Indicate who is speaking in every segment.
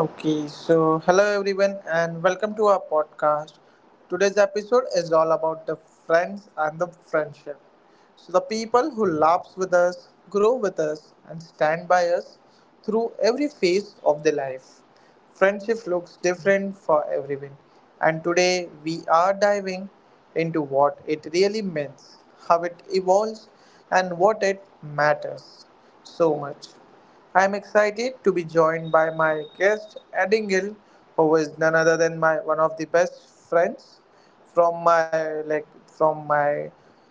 Speaker 1: Okay, so hello everyone and welcome to our podcast. Today's episode is all about the friends and the friendship. So the people who laughs with us, grow with us and stand by us through every phase of their life. Friendship looks different for everyone and today we are diving into what it really means, how it evolves and what it matters so much. I am excited to be joined by my guest Addingale, who is none other than my one of the best friends from my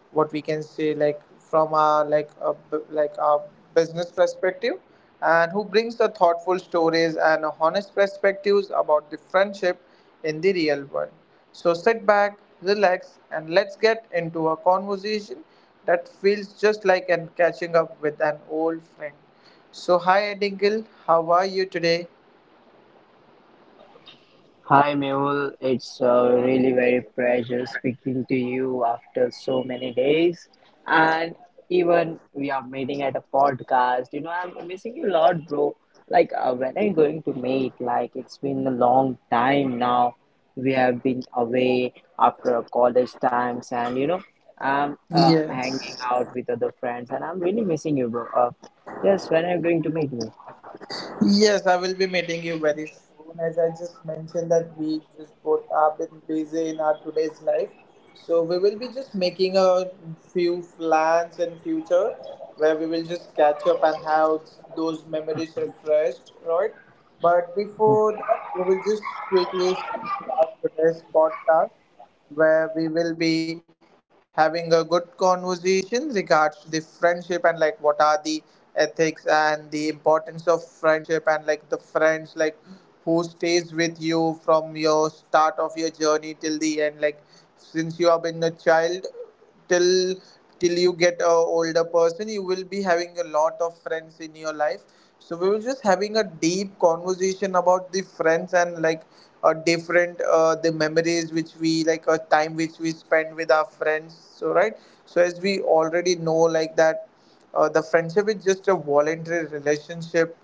Speaker 1: what we can say like from our like like a business perspective and who brings the thoughtful stories and honest perspectives about the friendship in the real world. So sit back, relax, and let's get into a conversation that feels just like an catching up with an old friend. So, hi Edingle, how are you today?
Speaker 2: Hi Mehul, it's really very pleasure speaking to you after so many days, and even we are meeting at a podcast. You know, I'm missing you a lot, bro. Like when are you going to meet? Like it's been a long time now. We have been away after our college times, and you know, I'm hanging
Speaker 1: Yes,
Speaker 2: out with other friends, and I'm really missing you, bro. Yes, when are you going to meet me?
Speaker 1: yes, I will be meeting you very soon. As I just mentioned that we just both have been busy in our today's life, so we will be just making a few plans in future where we will just catch up and have those memories refreshed, right? But before that, we will just quickly start our today's podcast, where we will be having a good conversation regards to the friendship and like what are the ethics and the importance of friendship and like the friends like who stays with you from your start of your journey till the end, like since you have been a child till till you get a older person you will be having a lot of friends in your life. So we were just having a deep conversation about the friends and like a different the memories which we like a time which we spend with our friends so right. So as we already know like that the friendship is just a voluntary relationship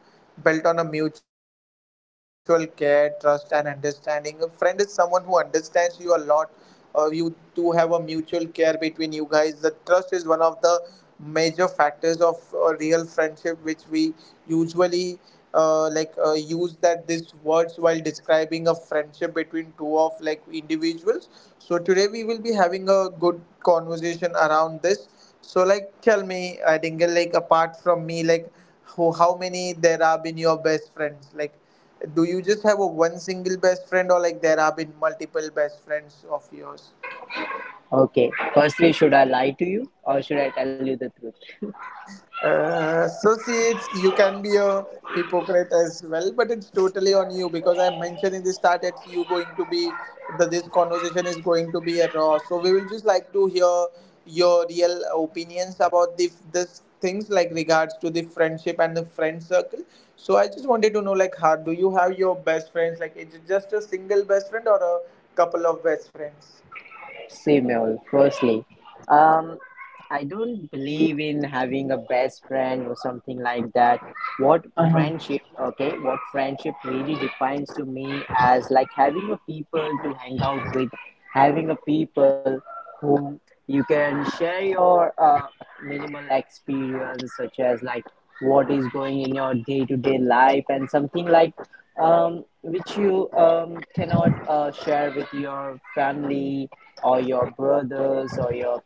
Speaker 1: built on a mutual care, trust, and understanding. A friend is someone who understands you a lot. You do have a mutual care between you guys. The trust is one of the major factors of a real friendship, which we usually use that these words while describing a friendship between two of like individuals. So today we will be having a good conversation around this so like tell me, Dingle, like apart from me, like who, how many there have been your best friends? Like, do you just have a one single best friend, or like there have been multiple best friends of yours?
Speaker 2: Okay, firstly, should I lie to you or should I tell you the truth?
Speaker 1: So see, you can be a hypocrite as well, but it's totally on you because I mentioned in the start that you going to be that this conversation is going to be a raw. So we will just like to hear your real opinions about the this things like regards to the friendship and the friend circle. So I just wanted to know like how do you have your best friends? Like is it just a single best friend or a couple of best friends?
Speaker 2: Female firstly, um I don't believe in having a best friend or something like that. What friendship, okay, what friendship really defines to me as like having a people to hang out with, having a people whom you can share your minimal experience such as like what is going in your day-to-day life and something like which you cannot share with your family or your brothers or your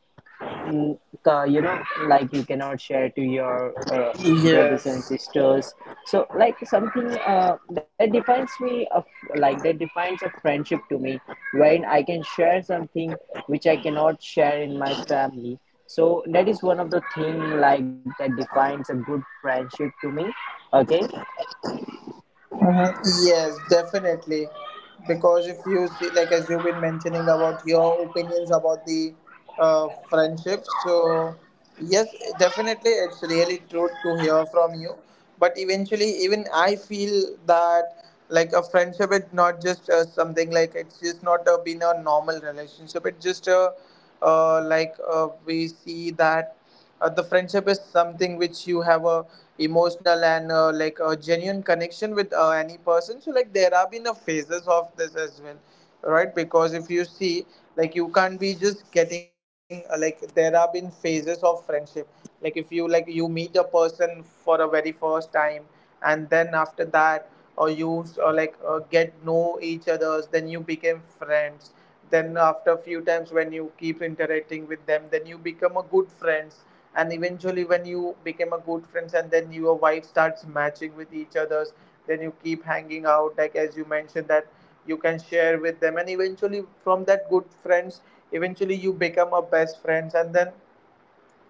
Speaker 2: mm, you know, like you cannot share to your brothers and
Speaker 1: Yes.
Speaker 2: sisters. So like something that defines me of like that defines a friendship to me, wherein I can share something which I cannot share in my family. So that is one of the thing like that defines a good friendship to me. Okay.
Speaker 1: Uh-huh. Yes, definitely. Because if you see, like as you've been mentioning about your opinions about the friendship, so yes, definitely, it's really true to hear from you. But eventually, even I feel that like a friendship, is not just something like it's just not been a normal relationship. It's just a we see that the friendship is something which you have a emotional and like a genuine connection with any person so like there have been a phases of this as well right because if you see like you can't be just getting like there have been phases of friendship like if you like you meet a person for a very first time and then after that or you or like get know each others then you became friends then after a few times when you keep interacting with them then you become a good friends and eventually when you became a good friends and then your wife starts matching with each other's then you keep hanging out like as you mentioned that you can share with them and eventually from that good friends eventually you become a best friends and then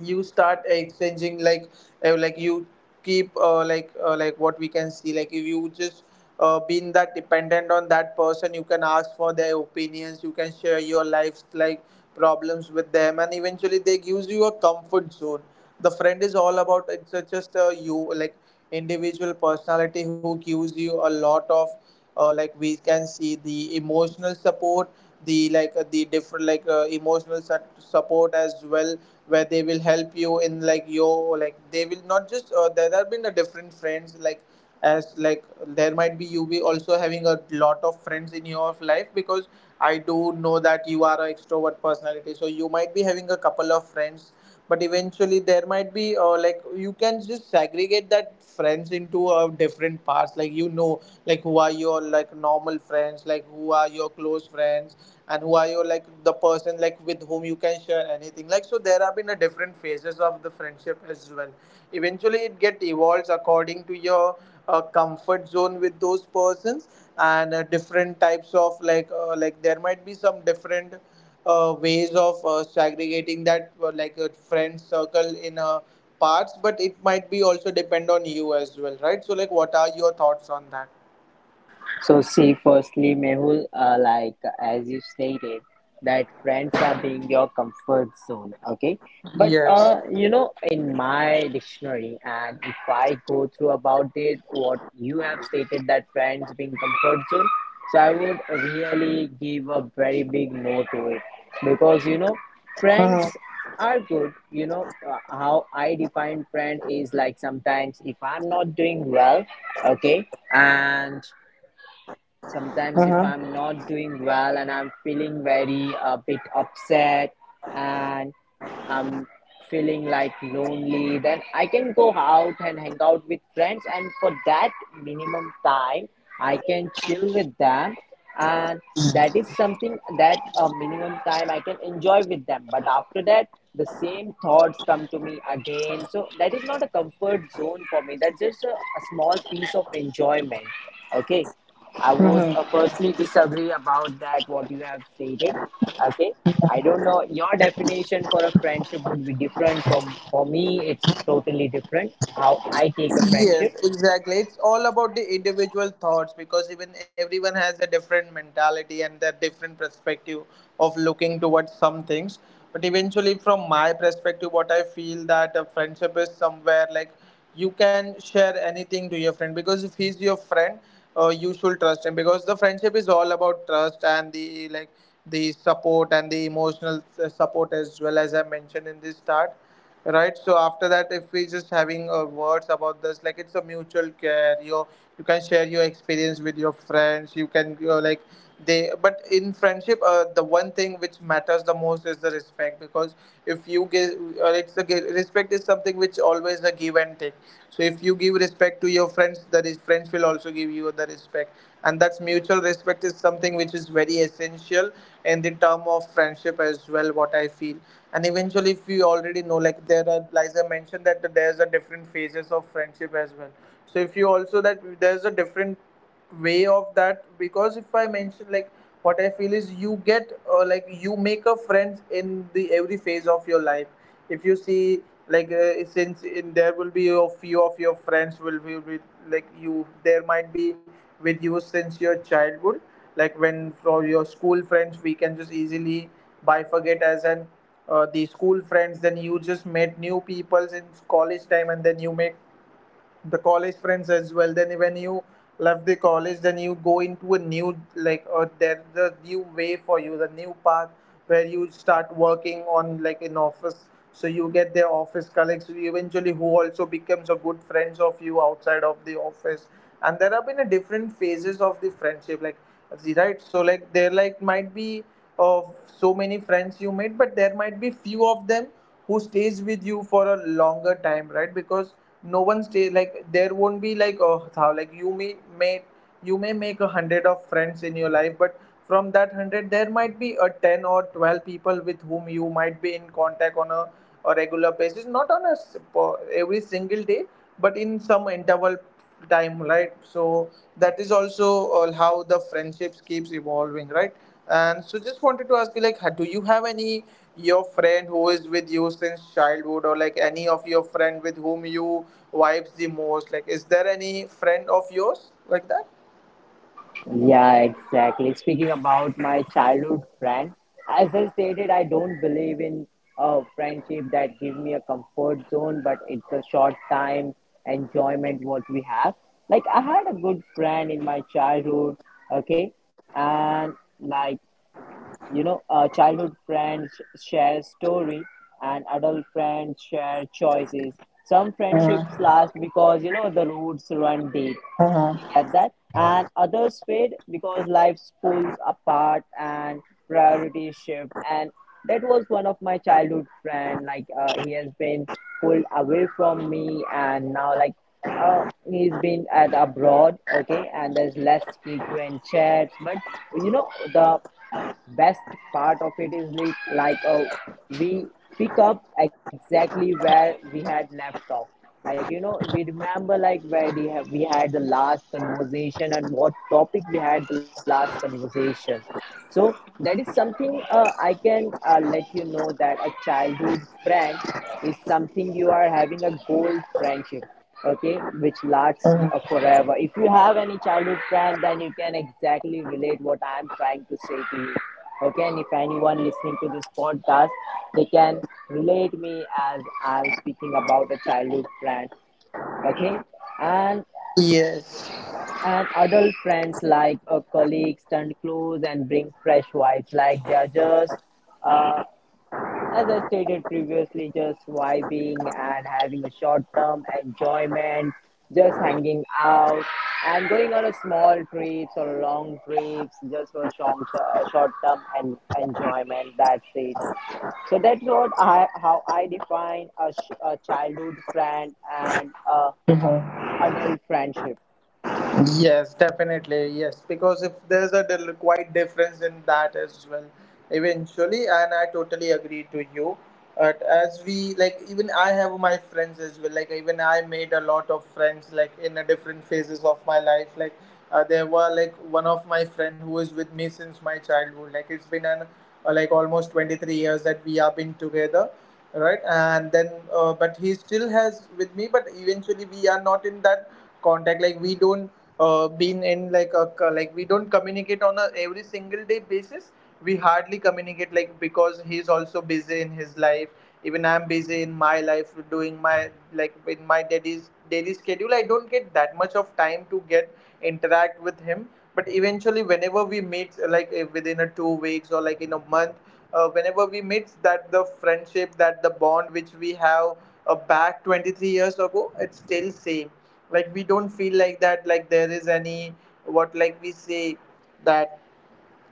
Speaker 1: you start exchanging like you keep like what we can see like if you just being that dependent on that person you can ask for their opinions you can share your life's like problems with them and eventually they gives you a comfort zone. The friend is all about just a you like individual personality who gives you a lot of like we can see the emotional support, the like the different like support as well where they will help you in like yo like they will not just there have been a different friends like as like there might be you be also having a lot of friends in your life because I do know that you are an extrovert personality so you might be having a couple of friends but eventually there might be like you can just segregate that friends into different parts like you know like who are your like normal friends like who are your close friends and who are your like the person like with whom you can share anything like so there have been a different phases of the friendship as well eventually it get evolves according to your a comfort zone with those persons and different types of like there might be some different ways of segregating that like a friend circle in parts but it might be also depend on you as well right so like what are your thoughts on that
Speaker 2: So see, firstly, Mehul, like as you stated, that friends are being your comfort zone. Okay, but
Speaker 1: yes.
Speaker 2: you know, in my dictionary, and if I go through about it, what you have stated that friends being comfort zone. So I would really give a very big no to it, because you know, friends are good. You know, how I define friend is like sometimes if I'm not doing well, okay, and sometimes if I'm not doing well and I'm feeling very a bit upset and I'm feeling like lonely, then I can go out and hang out with friends, and for that minimum time I can chill with them. And that is something that a minimum time I can enjoy with them, but after that the same thoughts come to me again. So that is not a comfort zone for me. That's just a small piece of enjoyment. Okay. I would
Speaker 1: Mhm.
Speaker 2: firstly disagree about that what you have stated. Okay, I don't know your definition for a friendship would be different from for me. It's totally different how I take a friendship.
Speaker 1: Yes, exactly. It's all about the individual thoughts because even everyone has a different mentality and their different perspective of looking towards some things. But eventually, from my perspective, what I feel that a friendship is somewhere like you can share anything to your friend because if he's your friend, you should trust him because the friendship is all about trust and the like the support and the emotional support as well as I mentioned in the start right. So after that if we just having words about this like it's a mutual care, you can share your experience with your friends, you can, you know, like they but in friendship the one thing which matters the most is the respect because if you give respect is something which always a give and take. So if you give respect to your friends, the friends will also give you the respect and that's mutual respect is something which is very essential in the term of friendship as well what I feel. And eventually if you already know like there are like I mentioned that there's a different phases of friendship as well so if you also that there's a different way of that because if I mention like what I feel is you get like you make a friends in the every phase of your life if you see like since in there will be a few of your friends will be with like you there might be with you since your childhood like when from your school friends we can just easily bifurcate as an the school friends, then you just met new peoples in college time and then you make the college friends as well, then when you left the college then you go into a new like or there's the new way for you the new path where you start working on like in office so you get their office colleagues eventually who also becomes a good friends of you outside of the office. And there have been a different phases of the friendship like right so like there like might be of so many friends you made but there might be few of them who stays with you for a longer time right because no one stays like there won't be like oh how like you may make 100 of friends in your life but from that 100 there might be a 10 or 12 people with whom you might be in contact on a regular basis, not on a every single day but in some interval time right. So that is also how the friendships keeps evolving right. And so just wanted to ask you like do you have any your friend who is with you since childhood or like any of your friend with whom you vibes the most? Like is there any friend of yours like that?
Speaker 2: Yeah, exactly. Speaking about my childhood friend, as I stated, I don't believe in a friendship that gives me a comfort zone, but it's a short time enjoyment what we have. Like I had a good friend in my childhood, okay, and like you know, childhood friends share story, and adult friends share choices. Some friendships last because you know the roots run deep. You
Speaker 1: Uh-huh.
Speaker 2: get that? And others fade because life pulls apart and priorities shift. And that was one of my childhood friend. Like he has been pulled away from me, and now like uh, he's been at abroad. Okay, and there's less frequent chats. But you know the best part of it is like, we pick up exactly where we had left off, like you know we remember like where we, have, we had the last conversation and what topic we had the last conversation. So that is something I can let you know that a childhood friend is something you are having a gold friendship. Okay, which lasts forever. If you have any childhood friend, then you can exactly relate what I am trying to say to you. Okay, and if anyone listening to this podcast, they can relate me as I'm speaking about a childhood friend. Okay. and
Speaker 1: Yes.
Speaker 2: and adult friends like a colleagues stand close and bring fresh vibes, like they are just uh, as I stated previously, just vibing and having a short term enjoyment, just hanging out and going on a small trips or long trips just for a short term and enjoyment. That's it. So that's what I how I define a, a childhood friend and a adult friendship.
Speaker 1: Yes, definitely. Yes, because if there's a quite difference in that as well, eventually, and I totally agree to you. But even I have my friends as well. Like even I made a lot of friends like in the different phases of my life. Like there were like one of my friend who is with me since my childhood. Like it's been an like almost 23 years that we have been together, right? And then but he still has with me, but eventually we are not in that contact. Like we don't been in like a like we don't communicate on a every single day basis. We hardly communicate, like because he's also busy in his life, even I'm busy in my life doing my like in my daddy's daily schedule. I don't get that much of time to get interact with him. But eventually whenever we meet, like within a 2 weeks or like in a month, whenever we meet, that the friendship, that the bond which we have back 23 years ago, it's still same. Like we don't feel like that, like there is any what like we say that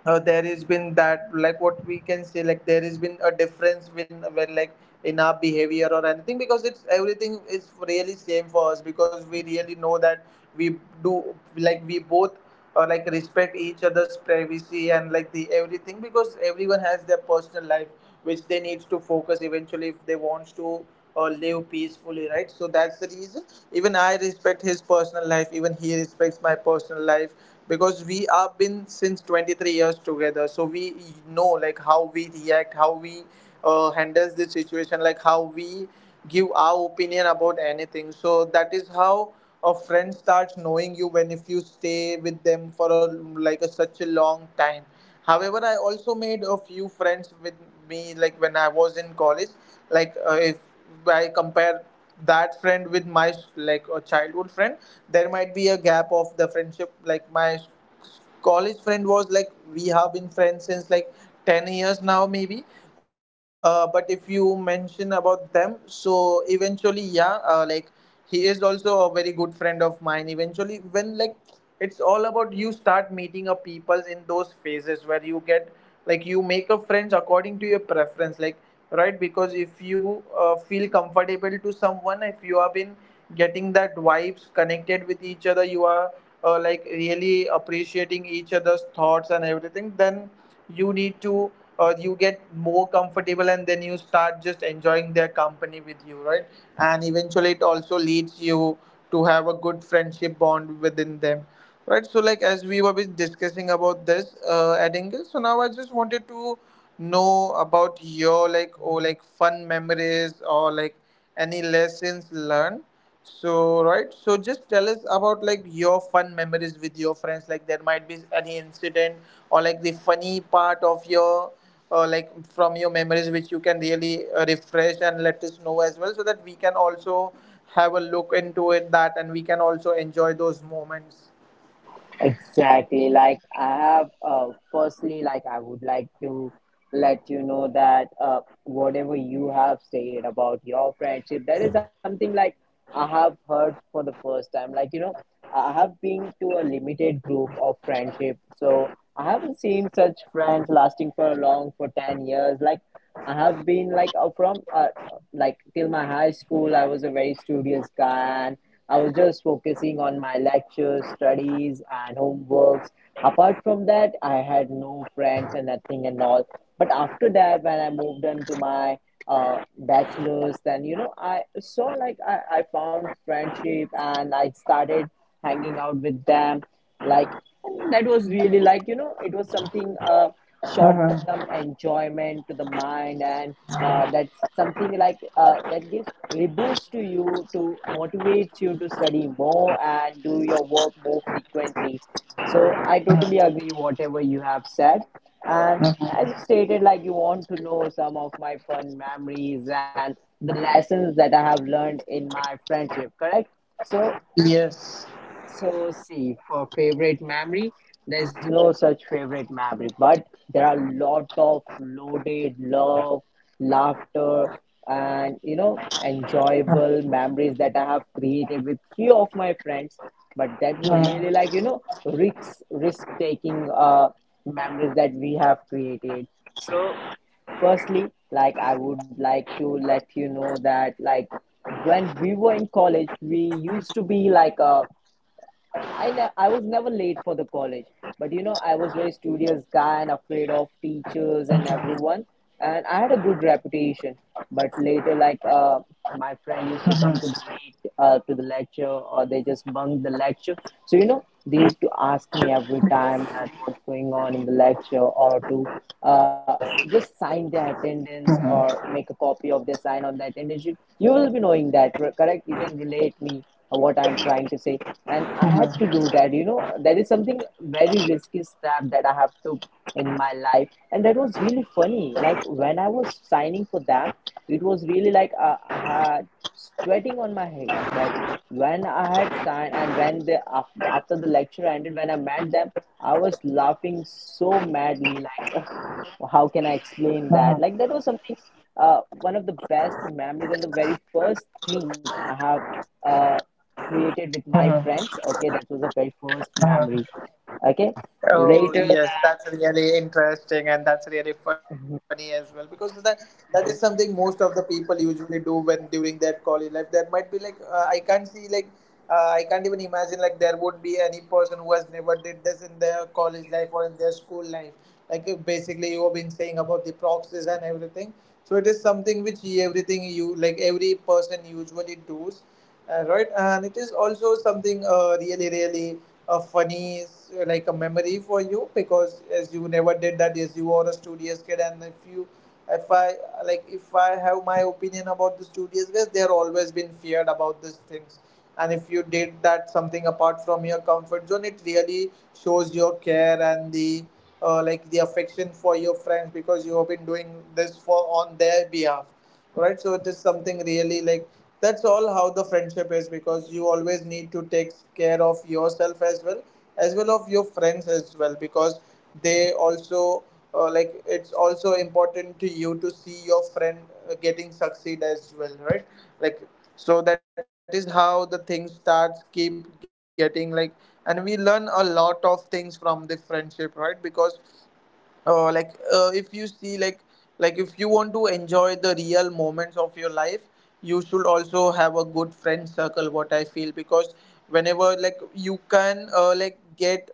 Speaker 1: there has been that like what we can say, like there has been a difference when like in our behavior or anything, because it's everything is really same for us, because we really know that we do, like we both like respect each other's privacy and like the everything, because everyone has their personal life which they need to focus eventually, if they wants to live peacefully, right? So that's the reason even I respect his personal life, even he respects my personal life, because we have been since 23 years together. So we know like how we react, how we handles the situation, like how we give our opinion about anything. So that is how a friend starts knowing you when if you stay with them for a, like a, such a long time. However, I also made a few friends with me, like when I was in college. Like if I compare that friend with my like a childhood friend, there might be a gap of the friendship. Like my college friend was like we have been friends since like 10 years now, maybe. But if you mention about them, so eventually, yeah, like he is also a very good friend of mine. Eventually, when like it's all about you start meeting up people in those phases where you get like you make up friends according to your preference, like, right? Because if you feel comfortable to someone, if you have been getting that vibes connected with each other, you are like really appreciating each other's thoughts and everything, then you need to you get more comfortable and then you start just enjoying their company with you, right? And eventually it also leads you to have a good friendship bond within them, right? So like as we were been discussing about this at angle, so now I just wanted to know about your like or like fun memories or like any lessons learned. So right, so just tell us about like your fun memories with your friends, like there might be any incident or like the funny part of your like from your memories which you can really refresh and let us know as well, so that we can also have a look into it that, and we can also enjoy those moments.
Speaker 2: Exactly. Like I have, firstly, like I would like to let you know that whatever you have said about your friendship, that is something like I have heard for the first time. Like, you know, I have been to a limited group of friendship, so I haven't seen such friends lasting for long for 10 years. Like, I have been like from like till my high school, I was a very studious guy, and I was just focusing on my lectures, studies, and homeworks. Apart from that, I had no friends and nothing and all. But after that, when I moved on to my bachelor's, then you know I saw like I found friendship and I started hanging out with them, like and that was really like you know it was something short term enjoyment to the mind, and that's something like that gives reboost to you to motivates you to study more and do your work more frequently. So I totally agree whatever you have said. And as you stated, like you want to know some of my fun memories and the lessons that I have learned in my friendship, correct? So
Speaker 1: Yes.
Speaker 2: so, see, for favorite memory, there's no such favorite memory, but there are a lot of loaded love, laughter, and you know, enjoyable memories that I have created with few of my friends. But that were really like you
Speaker 1: Mhm.
Speaker 2: know, risk taking memories that we have created. So, firstly, like I would like to let you know that like when we were in college we used to be like a I was never late for the college, but you know, I was very studious guy and afraid of teachers and everyone, and I had a good reputation. But later, like my friend used to come to the late to the lecture, or they just bunk the lecture. So you know, they used to ask me every time that what's going on in the lecture, or to uh, just sign their attendance or make a copy of their sign on the attendance sheet. You will be knowing that, correct? You can relate me what I'm trying to say. And I had to do that. You know, that is something very risky step that I have took in my life, and that was really funny. Like when I was signing for them, it was really like I had sweating on my head. But when I had signed, and when the after the lecture ended, when I met them, I was laughing so madly. Like, how can I
Speaker 1: Mhm.
Speaker 2: explain that? Like that was something. One of the best memories and the very first thing I have. Uh, created with my
Speaker 1: Mhm.
Speaker 2: friends. Okay, that was the very first memory. Okay,
Speaker 1: Oh
Speaker 2: later
Speaker 1: yes,
Speaker 2: the
Speaker 1: that's really interesting and that's really funny as well, because that that is something most of the people usually do when during their college life. There might be like I can't see like I can't even imagine like there would be any person who has never did this in their college life or in their school life. Like basically you have been saying about the proxies and everything. So it is something which everything you like every person usually does. Right, and it is also something really, really funny, like a memory for you, because as you never did that, as you were a studious kid, and if you, if I like, if I have my opinion about the studious kids, they are always been feared about these things, and if you did that something apart from your comfort zone, it really shows your care and the like the affection for your friends, because you have been doing this for on their behalf, right? So it is something really like that's all how the friendship is, because you always need to take care of yourself as well, as well of your friends as well, because they also like it's also important to you to see your friend getting succeed as well, right? Like, so that is how the things starts keep getting like, and we learn a lot of things from the friendship, right? Because if you see like if you want to enjoy the real moments of your life, you should also have a good friend circle, what I feel. Because whenever like you can like get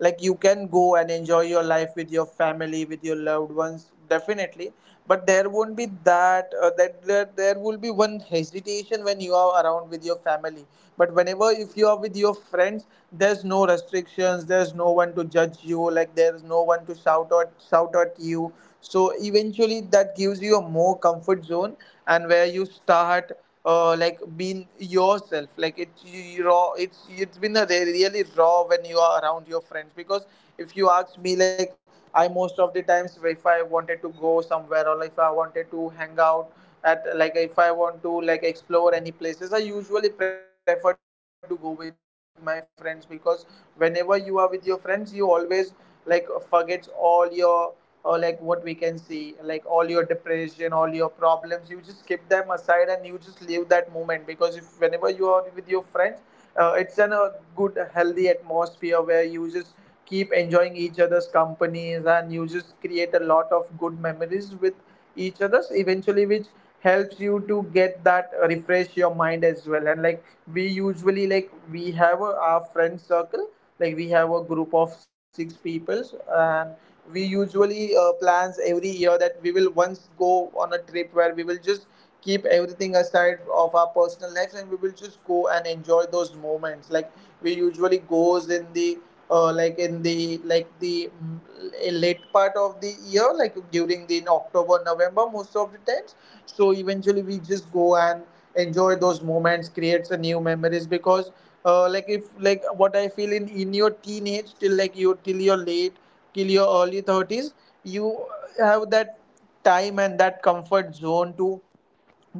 Speaker 1: like you can go and enjoy your life with your family, with your loved ones, definitely, but there won't be that that there will be one hesitation when you are around with your family. But whenever if you are with your friends, there's no restrictions, there's no one to judge you, like there's no one to shout at you. So eventually that gives you a more comfort zone, and where you start like being yourself, like it you raw, it's been a really raw when you are around your friends, because if you ask me, like I most of the times if I wanted to go somewhere or if I wanted to hang out at like if I want to like explore any places, I usually prefer to go with my friends, because whenever you are with your friends, you always like forgets all your or like what we can see, like all your depression, all your problems, you just keep them aside and you just leave that moment. Because if whenever you are with your friends, it's in a good healthy atmosphere where you just keep enjoying each other's companies and you just create a lot of good memories with each other's, eventually which helps you to get that refresh your mind as well. And like we usually like we have a, our friend circle, like we have a group of six peoples, and we usually plans every year that we will once go on a trip where we will just keep everything aside of our personal lives and we will just go and enjoy those moments. Like we usually goes in the like in the like the a late part of the year, like during the October November most of the times. So eventually we just go and enjoy those moments, creates a new memories. Because like if like what I feel in your teenage till like you till you're late till your early 30s, you have that time and that comfort zone to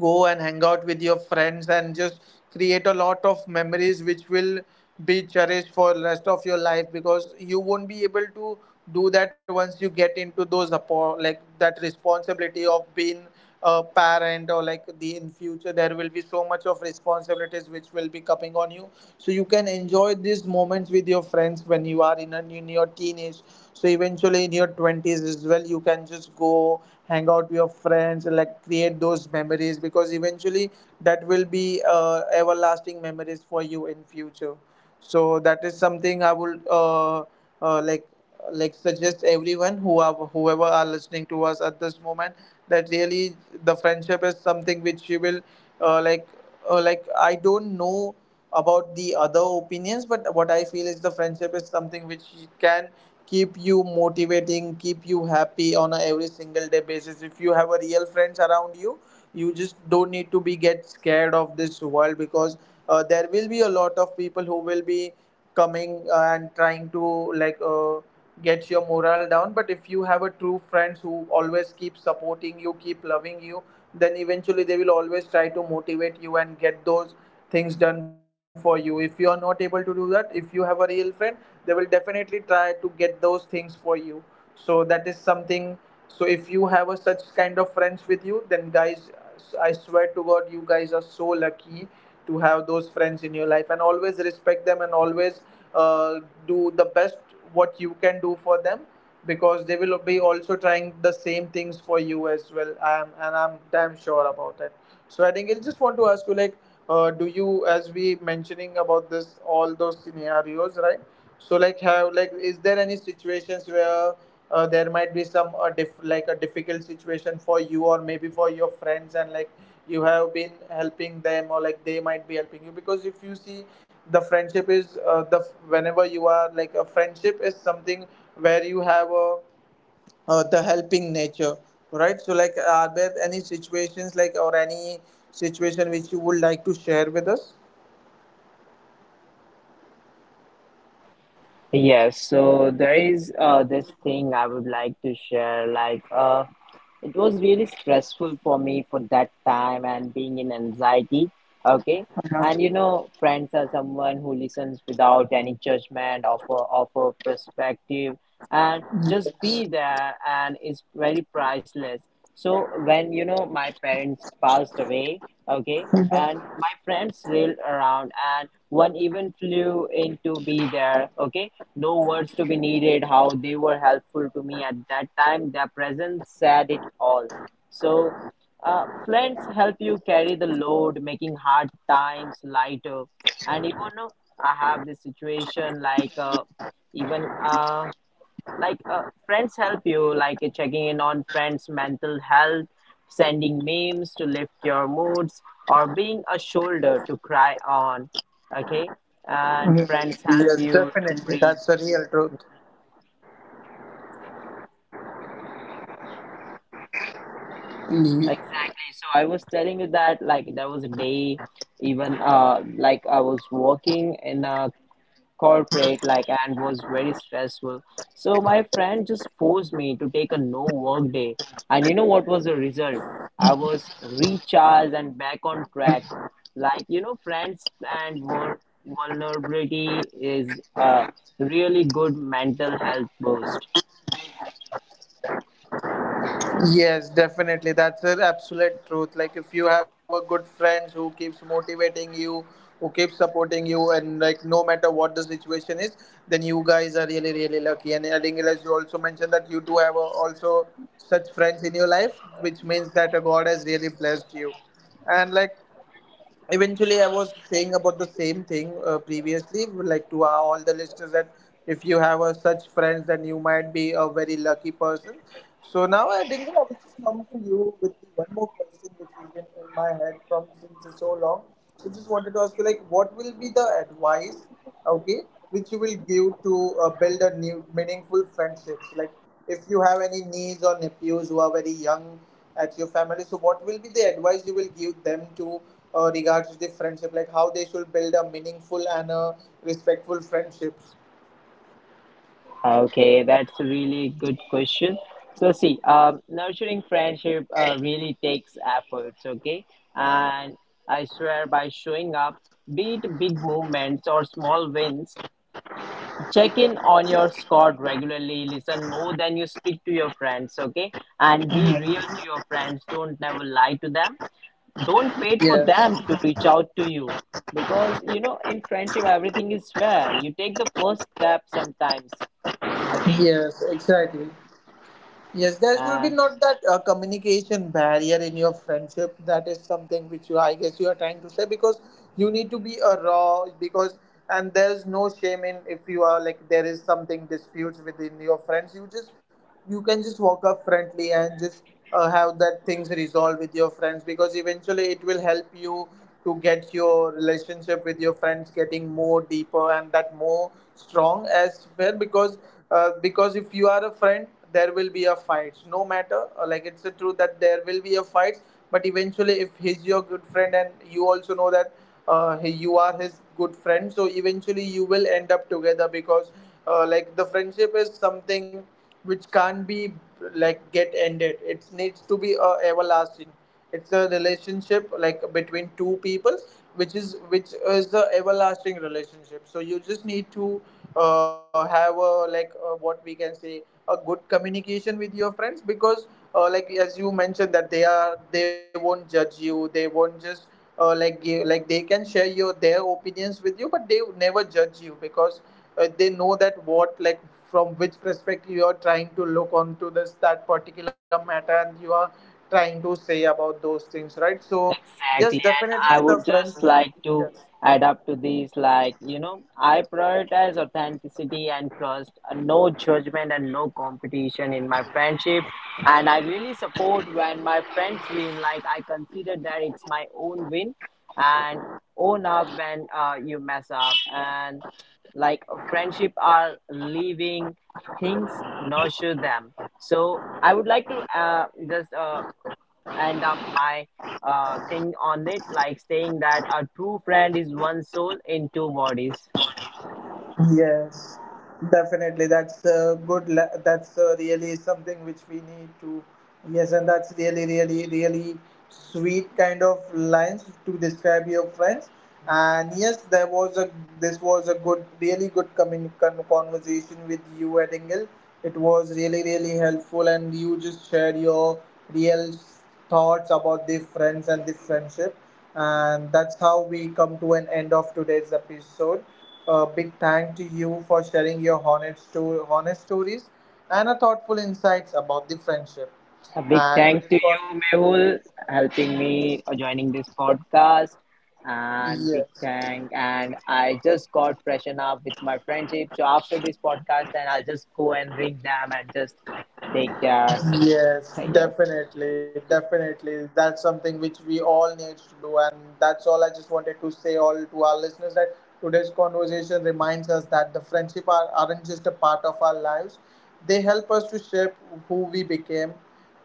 Speaker 1: go and hang out with your friends and just create a lot of memories which will be cherished for rest of your life, because you won't be able to do that once you get into those like that responsibility of being a parent or like the in future there will be so much of responsibilities which will be coming on you. So you can enjoy these moments with your friends when you are in, a, in your teenage. So eventually in your 20s as well, you can just go hang out with your friends and like create those memories, because eventually that will be everlasting memories for you in future. So that is something I would uh, like like suggest everyone who are whoever are listening to us at this moment, that really the friendship is something which you will uh, like like I don't know about the other opinions, but what I feel is the friendship is something which can keep you motivating, keep you happy on a every single day basis. If you have a real friends around you, you just don't need to be get scared of this world, because there will be a lot of people who will be coming and trying to like get your morale down. But if you have a true friends who always keep supporting you, keep loving you, then eventually they will always try to motivate you and get those things done for you. If you are not able to do that, if you have a real friend, they will definitely Try to get those things for you, so that is something. So if you have a such kind of friends with you, then guys, I swear to god, you guys are so lucky to have those friends in your life, and always respect them, and always uh, do the best what you can do for them, because they will be also trying the same things for you as well. I am and I'm damn sure about it. So I think I just want to ask you, like, do you, as we mentioning about this, all those scenarios, right? So like, have like, is there any situations where there might be some like a difficult situation for you or maybe for your friends, and like you have been helping them, or like they might be helping you? Because if you see, the friendship is the whenever you are like, a friendship is something where you have a the helping nature, right? So like, are there any situations like, or any situation which you would like to share with us?
Speaker 2: yes. So there is this thing I would like to share. Like it was really stressful for me for that time and being in anxiety. Okay, and you know, friends are someone who listens without any judgment, offer perspective, and just be there and is very priceless. So when you know my parents passed away, okay, and my friends railed around, and one even flew in to be there. Okay, no words to be needed how they were helpful to me at that time. Their presence said it all. So friends help you carry the load, making hard times lighter. And even I have this situation like even friends help you like checking in on friends mental health, sending memes to lift your moods, or being a shoulder to cry on. Okay, and friends help
Speaker 1: Yes,
Speaker 2: you to
Speaker 1: definitely.
Speaker 2: breathe.
Speaker 1: That's the real truth.
Speaker 2: Exactly, so I was telling you that like there was a day, even like I was working in a corporate like and was very stressful. So my friend just forced me to take a no work day, and you know what was the result? I was recharged and back on track. Like you know, friends and vulnerability is a really good mental health boost.
Speaker 1: Yes, definitely. That's an absolute truth. Like, if you have a good friends who keeps motivating you, who keeps supporting you, and like no matter what the situation is, then you guys are really really lucky. And adding it, as you also mentioned that you do have a, also such friends in your life, which means that God has really blessed you. And like, eventually I was saying about the same thing previously, like, to our, all the listeners, that if you have such friends, then you might be a very lucky person. So now I think I will just come to you with the one more question which has been in my head from since so long. So just wanted to ask you, like, what will be the advice, okay, which you will give to build a new meaningful friendships, like if you have any niece or nephews who are very young at your family. So, what will be the advice you will give them to regards the friendship, like how they should build a meaningful and respectful friendships?
Speaker 2: Okay, that's a really good question. So, see, nurturing friendship really takes efforts, okay? And I swear by showing up, be it big movements or small wins, check in on your squad regularly, listen more than you speak to your friends, okay? And be real to your friends, don't never lie to them. Don't wait for
Speaker 1: Yes,
Speaker 2: them to reach out to you, because, you know, in friendship, everything is fair. You take the first step sometimes, okay?
Speaker 1: yes, exactly. Yes, there should be
Speaker 2: Uh,
Speaker 1: not that communication barrier in your friendship. That is something which you, I guess, you are trying to say, because you need to be a raw, because and there's no shame in if you are like, there is something disputes within your friends. You can just walk up friendly and just have that things resolved with your friends, because eventually it will help you to get your relationship with your friends getting more deeper, and that more strong as well, because if you are a friend, there will be a fight, no matter like, it's a truth that there will be a fight. But eventually, if he's your good friend and you also know that you are his good friend, so eventually you will end up together, because like, the friendship is something which can't be like, get ended. It needs to be everlasting. It's a relationship like between two people, which is the everlasting relationship. So you just need to have a like what we can say, a good communication with your friends, because like, as you mentioned that they won't judge you. They won't just like give, like they can share your their opinions with you, but they would never judge you, because they know that what, like, from which perspective you are trying to look onto this that particular matter, and you are trying to say about those things, right? So yes,
Speaker 2: exactly, and I
Speaker 1: definitely the
Speaker 2: would just
Speaker 1: friends,
Speaker 2: like to
Speaker 1: yes.
Speaker 2: add up to these, like, you know, I prioritize authenticity and trust, no judgment and no competition in my friendship. And I really support when my friends win, like, I consider that it's my own win, and own up when you mess up. And like, friendship are living things, nurture them. So, I would like to just end up my thing on it, like saying that a true friend is one soul in two bodies.
Speaker 1: Yes, definitely. That's a good. That's really something which we need to. Yes, and that's really, really, really sweet kind of lines to describe your friends. And yes, there was a. This was a good, really good coming conversation with you, Edingle. It was really, really helpful, and you just shared your real thoughts about the friends and the friendship. And that's how we come to an end of today's episode. A big thank to you for sharing your honest, honest stories and a thoughtful insights about the friendship.
Speaker 2: A big
Speaker 1: And
Speaker 2: thank
Speaker 1: today's
Speaker 2: to
Speaker 1: con-
Speaker 2: you, Mehul, helping me joining this podcast. And big
Speaker 1: yes.
Speaker 2: thank, and I just got freshen up with my friendship. So after this podcast, and I'll just go and ring them and just take their
Speaker 1: Yes,
Speaker 2: yes.
Speaker 1: definitely, definitely. That's something which we all need to do, and that's all I just wanted to say all to our listeners that today's conversation reminds us that the friendship are, aren't just a part of our lives; they help us to shape who we became.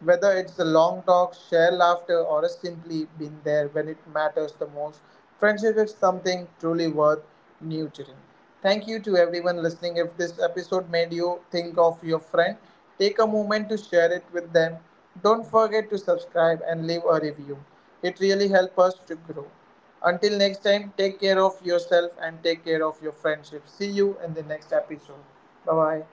Speaker 1: Whether it's a long talk, share laughter, or a simply been there when it matters the most, friendship is something truly worth nurturing. Thank you to everyone listening. If this episode made you think of your friend, take a moment to share it with them. Don't forget to subscribe and leave a review. It really helps us to grow. Until next time, take care of yourself and take care of your friendship. See you in the next episode. Bye bye.